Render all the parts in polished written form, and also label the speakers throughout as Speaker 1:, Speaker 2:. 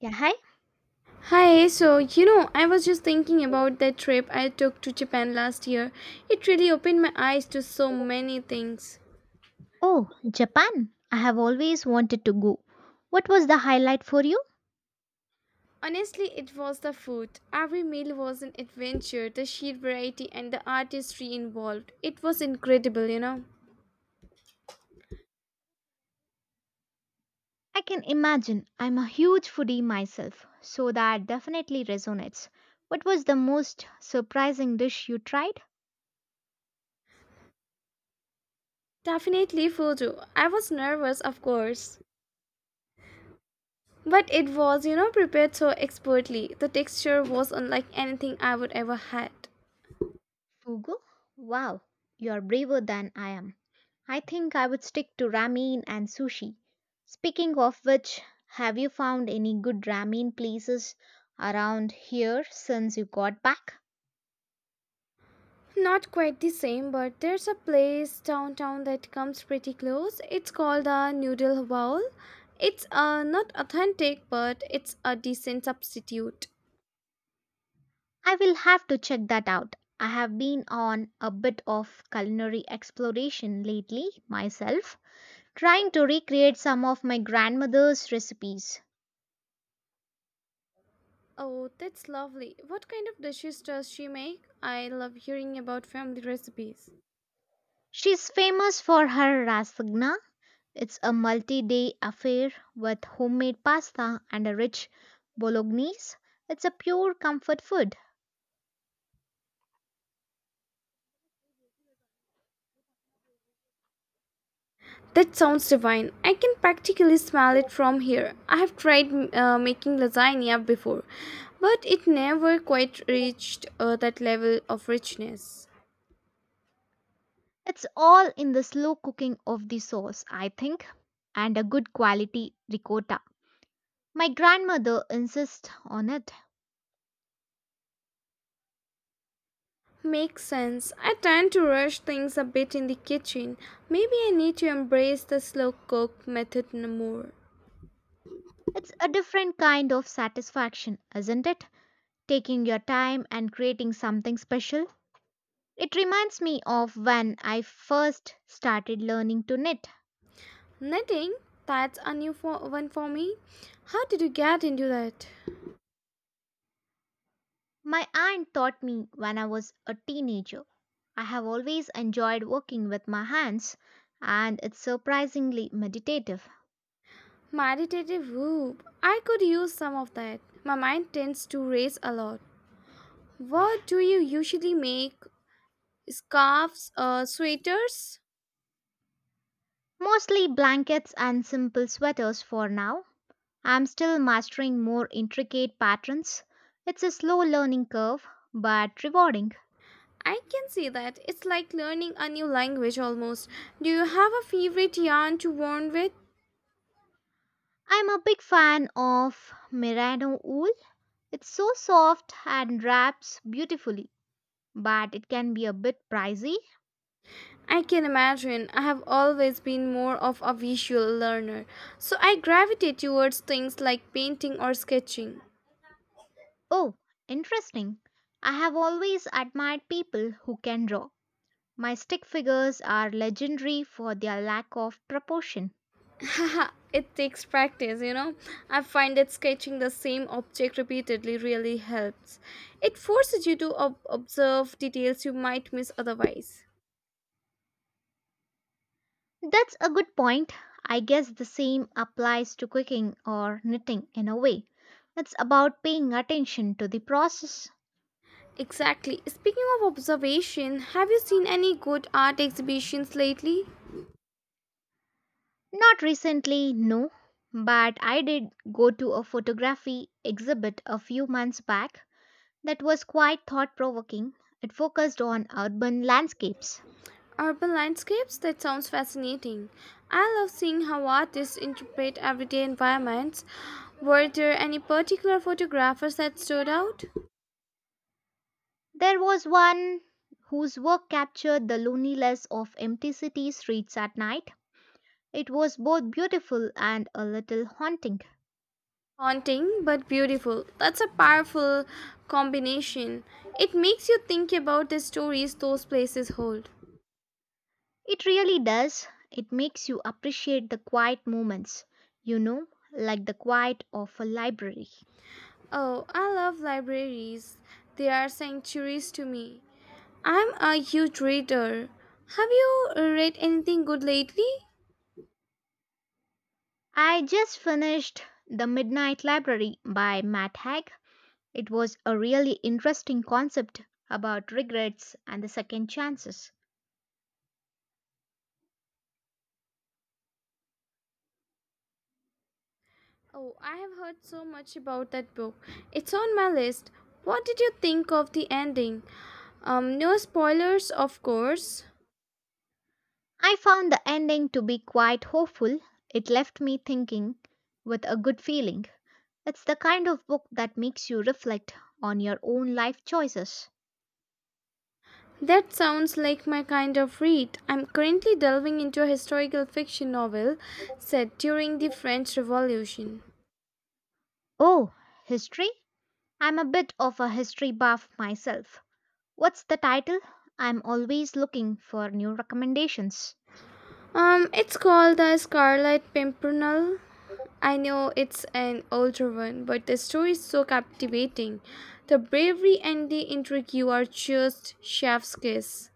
Speaker 1: Yeah, hi.
Speaker 2: Hi, so you know, I was just thinking about that trip I took to Japan last year. It really opened my eyes to so many things.
Speaker 1: Oh, Japan. I have always wanted to go. What was the highlight for you?
Speaker 2: Honestly, it was the food. Every meal was an adventure, the sheer variety and the artistry involved. It was incredible, you know.
Speaker 1: I can imagine. I'm a huge foodie myself, so that definitely resonates. What was the most surprising dish you tried?
Speaker 2: Definitely photo. I was nervous, of course. But it was, you know, prepared so expertly. The texture was unlike anything I would ever had.
Speaker 1: Fugu? Wow, you're braver than I am. I think I would stick to ramen and sushi. Speaking of which, have you found any good ramen places around here since you got back?
Speaker 2: Not quite the same, but there's a place downtown that comes pretty close. It's called the Noodle Bowl. It's not authentic, but it's a decent substitute.
Speaker 1: I will have to check that out. I have been on a bit of culinary exploration lately myself, trying to recreate some of my grandmother's recipes.
Speaker 2: Oh, that's lovely. What kind of dishes does she make? I love hearing about family recipes.
Speaker 1: She's famous for her lasagna. It's a multi day affair with homemade pasta and a rich bolognese. It's a pure comfort food.
Speaker 2: That sounds divine. I can practically smell it from here. I have tried making lasagna before, but it never quite reached that level of richness.
Speaker 1: It's all in the slow cooking of the sauce, I think, and a good quality ricotta. My grandmother insists on it.
Speaker 2: Makes sense. I tend to rush things a bit in the kitchen. Maybe I need to embrace the slow cook more.
Speaker 1: It's a different kind of satisfaction, isn't it? Taking your time and creating something special. It reminds me of when I first started learning to knit.
Speaker 2: Knitting? That's a one for me. How did you get into that?
Speaker 1: My aunt taught me when I was a teenager. I have always enjoyed working with my hands, and it's surprisingly meditative.
Speaker 2: Meditative whoop. I could use some of that. My mind tends to race a lot. What do you usually make? Scarves or sweaters?
Speaker 1: Mostly blankets and simple sweaters for now. I'm still mastering more intricate patterns. It's a slow learning curve, but rewarding.
Speaker 2: I can see that. It's like learning a new language almost. Do you have a favorite yarn to warn with?
Speaker 1: I'm a big fan of merino wool. It's so soft and wraps beautifully, but it can be a bit pricey.
Speaker 2: I can imagine. I have always been more of a visual learner, so I gravitate towards things like painting or sketching.
Speaker 1: Oh, interesting. I have always admired people who can draw. My stick figures are legendary for their lack of proportion.
Speaker 2: Ha, it takes practice, you know. I find that sketching the same object repeatedly really helps. It forces you to observe details you might miss otherwise.
Speaker 1: That's a good point. I guess the same applies to cooking or knitting in a way. It's about paying attention to the process.
Speaker 2: Exactly. Speaking of observation, have you seen any good art exhibitions lately?
Speaker 1: Not recently, no, but I did go to a photography exhibit a few months back that was quite thought provoking. It focused on urban landscapes.
Speaker 2: Urban landscapes? That sounds fascinating. I love seeing how artists interpret everyday environments. Were there any particular photographers that stood out?
Speaker 1: There was one whose work captured the loneliness of empty city streets at night. It was both beautiful and a little haunting.
Speaker 2: Haunting but beautiful. That's a powerful combination. It makes you think about the stories those places hold.
Speaker 1: It really does. It makes you appreciate the quiet moments, you know, like the quiet of a library.
Speaker 2: Oh, I love libraries. They are sanctuaries to me. I'm a huge reader. Have you read anything good lately?
Speaker 1: I just finished The Midnight Library by Matt Haig. It was a really interesting concept about regrets and the second chances.
Speaker 2: Oh, I have heard so much about that book. It's on my list. What did you think of the ending? No spoilers, of course.
Speaker 1: I found the ending to be quite hopeful. It left me thinking with a good feeling. It's the kind of book that makes you reflect on your own life choices.
Speaker 2: That sounds like my kind of read. I'm currently delving into a historical fiction novel set during the French Revolution.
Speaker 1: Oh, history? I'm a bit of a history buff myself. What's the title? I'm always looking for new recommendations.
Speaker 2: It's called The Scarlet Pimpernel. I know it's an older one, but the story is so captivating. The bravery and the intrigue are just chef's kiss.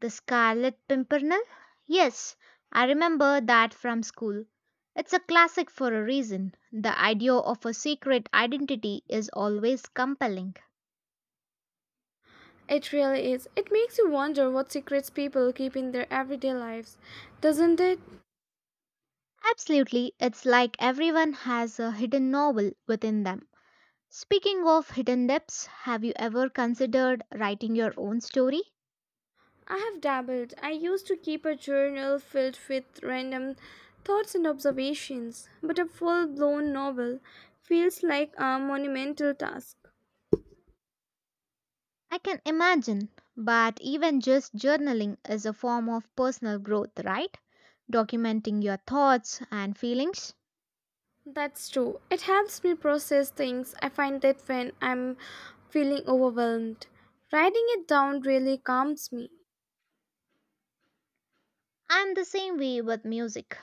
Speaker 1: The Scarlet Pimpernel? Yes, I remember that from school. It's a classic for a reason. The idea of a secret identity is always compelling.
Speaker 2: It really is. It makes you wonder what secrets people keep in their everyday lives, doesn't it?
Speaker 1: Absolutely, it's like everyone has a hidden novel within them. Speaking of hidden depths, have you ever considered writing your own story?
Speaker 2: I have dabbled. I used to keep a journal filled with random thoughts and observations, but a full blown novel feels like a monumental task.
Speaker 1: I can imagine, but even just journaling is a form of personal growth, right? Documenting your thoughts and feelings.
Speaker 2: That's true. It helps me process things. I find that when I'm feeling overwhelmed, writing it down really calms me.
Speaker 1: I'm the same way with music.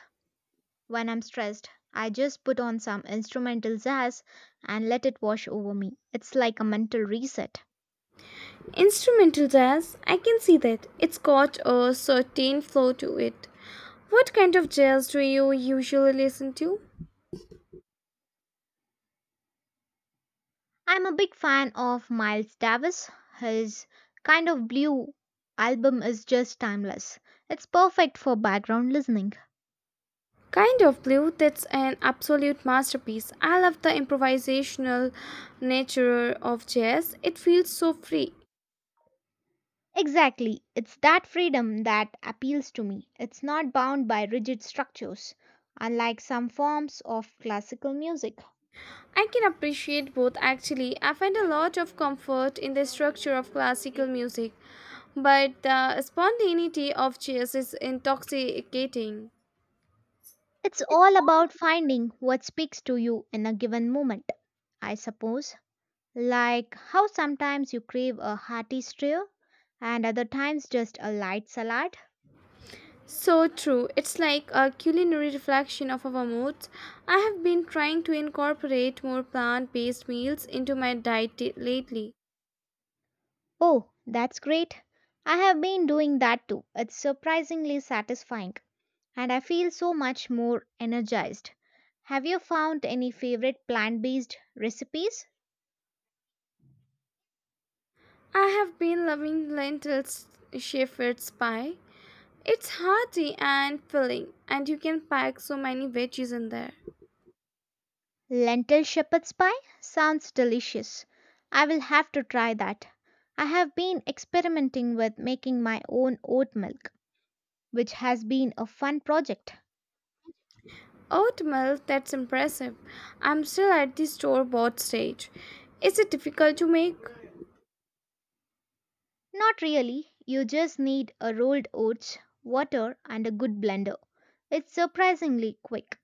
Speaker 1: When I'm stressed, I just put on some instrumental jazz and let it wash over me. It's like a mental reset.
Speaker 2: Instrumental jazz, I can see that. It's got a certain flow to it. What kind of jazz do you usually listen to?
Speaker 1: I'm a big fan of Miles Davis. His kind of blue album is just timeless. It's perfect for background listening.
Speaker 2: Kind of Blue, that's an absolute masterpiece. I love the improvisational nature of jazz. It feels so free.
Speaker 1: Exactly. It's that freedom that appeals to me. It's not bound by rigid structures, unlike some forms of classical music.
Speaker 2: I can appreciate both actually. I find a lot of comfort in the structure of classical music, but the spontaneity of jazz is intoxicating.
Speaker 1: It's all about finding what speaks to you in a given moment, I suppose. Like how sometimes you crave a hearty stew and other times just a light salad.
Speaker 2: So true. It's like a culinary reflection of our moods. I have been trying to incorporate more plant based meals into my lately.
Speaker 1: Oh, that's great. I have been doing that too. It's surprisingly satisfying and I feel so much more energized. Have you found any favorite plant based recipes?
Speaker 2: I have been loving lentils shepherd's pie. It's hearty and filling, and you can pack so many veggies in there.
Speaker 1: Lentil shepherd's pie sounds delicious. I will have to try that. I have been experimenting with making my own oat milk, which has been a fun project.
Speaker 2: Oatmeal, that's impressive. I'm still at the store bought stage. Is it difficult to make?
Speaker 1: Not really, you just need a rolled oats, water, and a good blender. It's surprisingly quick.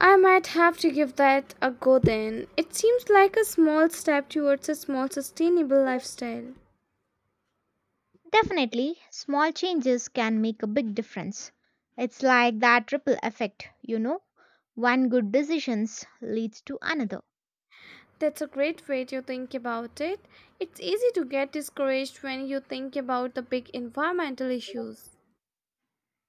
Speaker 2: I might have to give that a go then. It seems like a small step towards a small, sustainable lifestyle.
Speaker 1: Definitely, small changes can make a big difference. It's like that ripple effect, One good decision leads to another.
Speaker 2: That's a great way to think about it. It's easy to get discouraged when you think about the big environmental issues.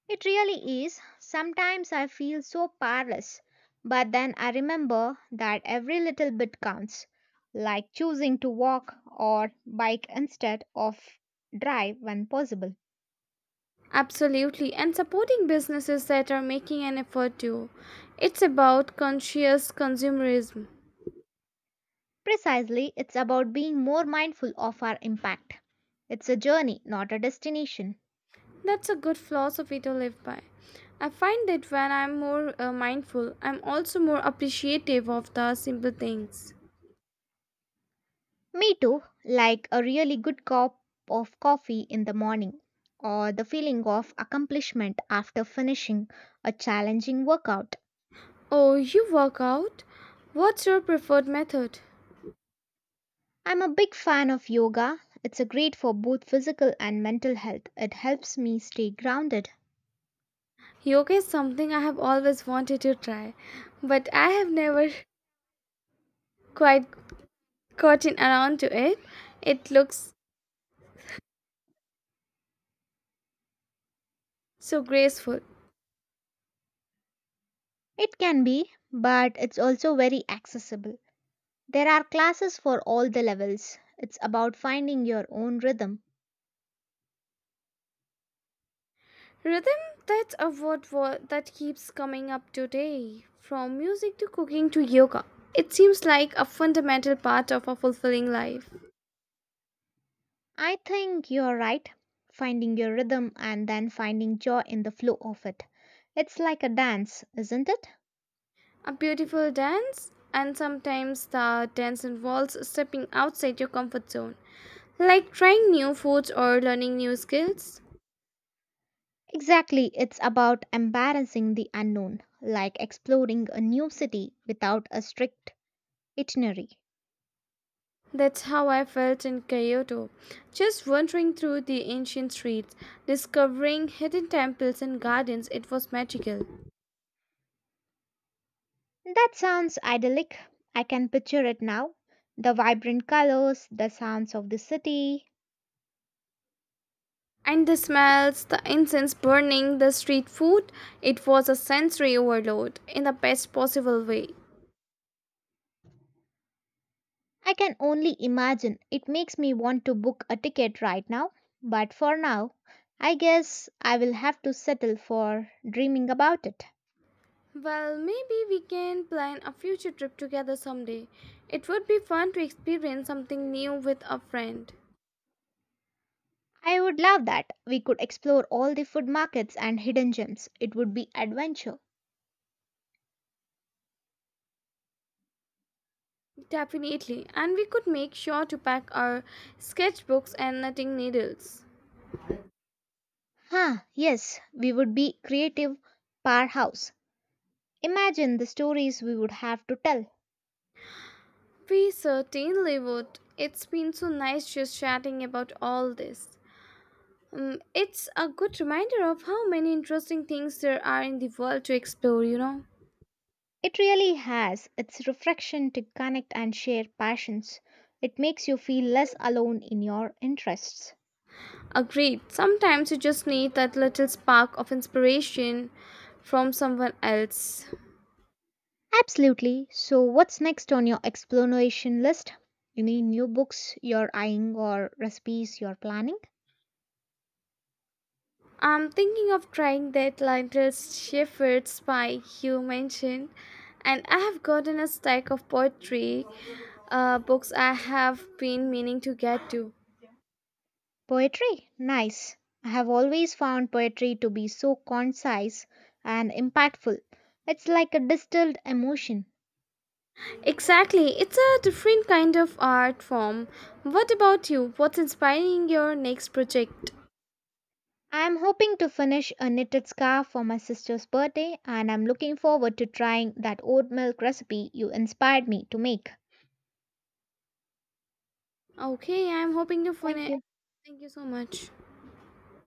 Speaker 1: It really is. Sometimes I feel so powerless, but then I remember that every little bit counts, like choosing to walk or bike instead of drive when possible.
Speaker 2: Absolutely, and supporting businesses that are making an effort too. It's about conscious consumerism.
Speaker 1: Precisely, it's about being more mindful of our impact. It's a journey, not a destination.
Speaker 2: That's a good philosophy to live by. I find that when I'm more mindful, I'm also more appreciative of the simple things.
Speaker 1: Me too, like a really good cup of coffee in the morning, or the feeling of accomplishment after finishing a challenging workout.
Speaker 2: Oh, you work out? What's your preferred method?
Speaker 1: I'm a big fan of yoga. It's a great for both physical and mental health. It helps me stay grounded.
Speaker 2: Yoga is something I have always wanted to try, but I have never quite gotten around to it. It looks so graceful.
Speaker 1: It can be, but it's also very accessible. There are classes for all the levels. It's about finding your own rhythm.
Speaker 2: Rhythm, that's a word that keeps coming up today. From music to cooking to yoga, it seems like a fundamental part of a fulfilling life.
Speaker 1: I think you're right. Finding your rhythm and then finding joy in the flow of it. It's like a dance, isn't it?
Speaker 2: A beautiful dance, and sometimes the dance involves stepping outside your comfort zone, like trying new foods or learning new skills.
Speaker 1: Exactly, it's about embarrassing the unknown, like exploring a new city without a strict itinerary.
Speaker 2: That's how I felt in Kyoto, just wandering through the ancient streets, discovering hidden temples and gardens. It was magical.
Speaker 1: That sounds idyllic. I can picture it now. The vibrant colors, the sounds of the city.
Speaker 2: And the smells, the incense burning, the street food, it was a sensory overload in the best possible way.
Speaker 1: I can only imagine. It makes me want to book a ticket right now. But for now, I guess I will have to settle for dreaming about it.
Speaker 2: Well, maybe we can plan a future trip together someday. It would be fun to experience something new with a friend.
Speaker 1: I would love that. We could explore all the food markets and hidden gems. It would be adventure.
Speaker 2: Definitely, and we could make sure to pack our sketchbooks and knitting needles.
Speaker 1: Huh, yes, we would be creative powerhouse. Imagine the stories we would have to tell.
Speaker 2: We certainly would. It's been so nice just chatting about all this. It's a good reminder of how many interesting things there are in the world to explore, you know.
Speaker 1: It really has its reflection to connect and share passions. It makes you feel less alone in your interests.
Speaker 2: Agreed, sometimes you just need that little spark of inspiration from someone else.
Speaker 1: Absolutely. So, what's next on your exploration list? Any new books you're eyeing or recipes you're planning?
Speaker 2: I'm thinking of trying the Atlantis Shepherd's Pie you mentioned, and I have gotten a stack of poetry books I have been meaning to get to.
Speaker 1: Poetry? Nice. I have always found poetry to be so concise and impactful. It's like a distilled emotion.
Speaker 2: Exactly, it's a different kind of art form. What about you? What's inspiring your next project?
Speaker 1: I'm hoping to finish a knitted scarf for my sister's birthday, and I'm looking forward to trying that oat milk recipe you inspired me to make.
Speaker 2: Okay, I'm hoping to
Speaker 1: Thank
Speaker 2: finish.
Speaker 1: you.
Speaker 2: Thank you so much.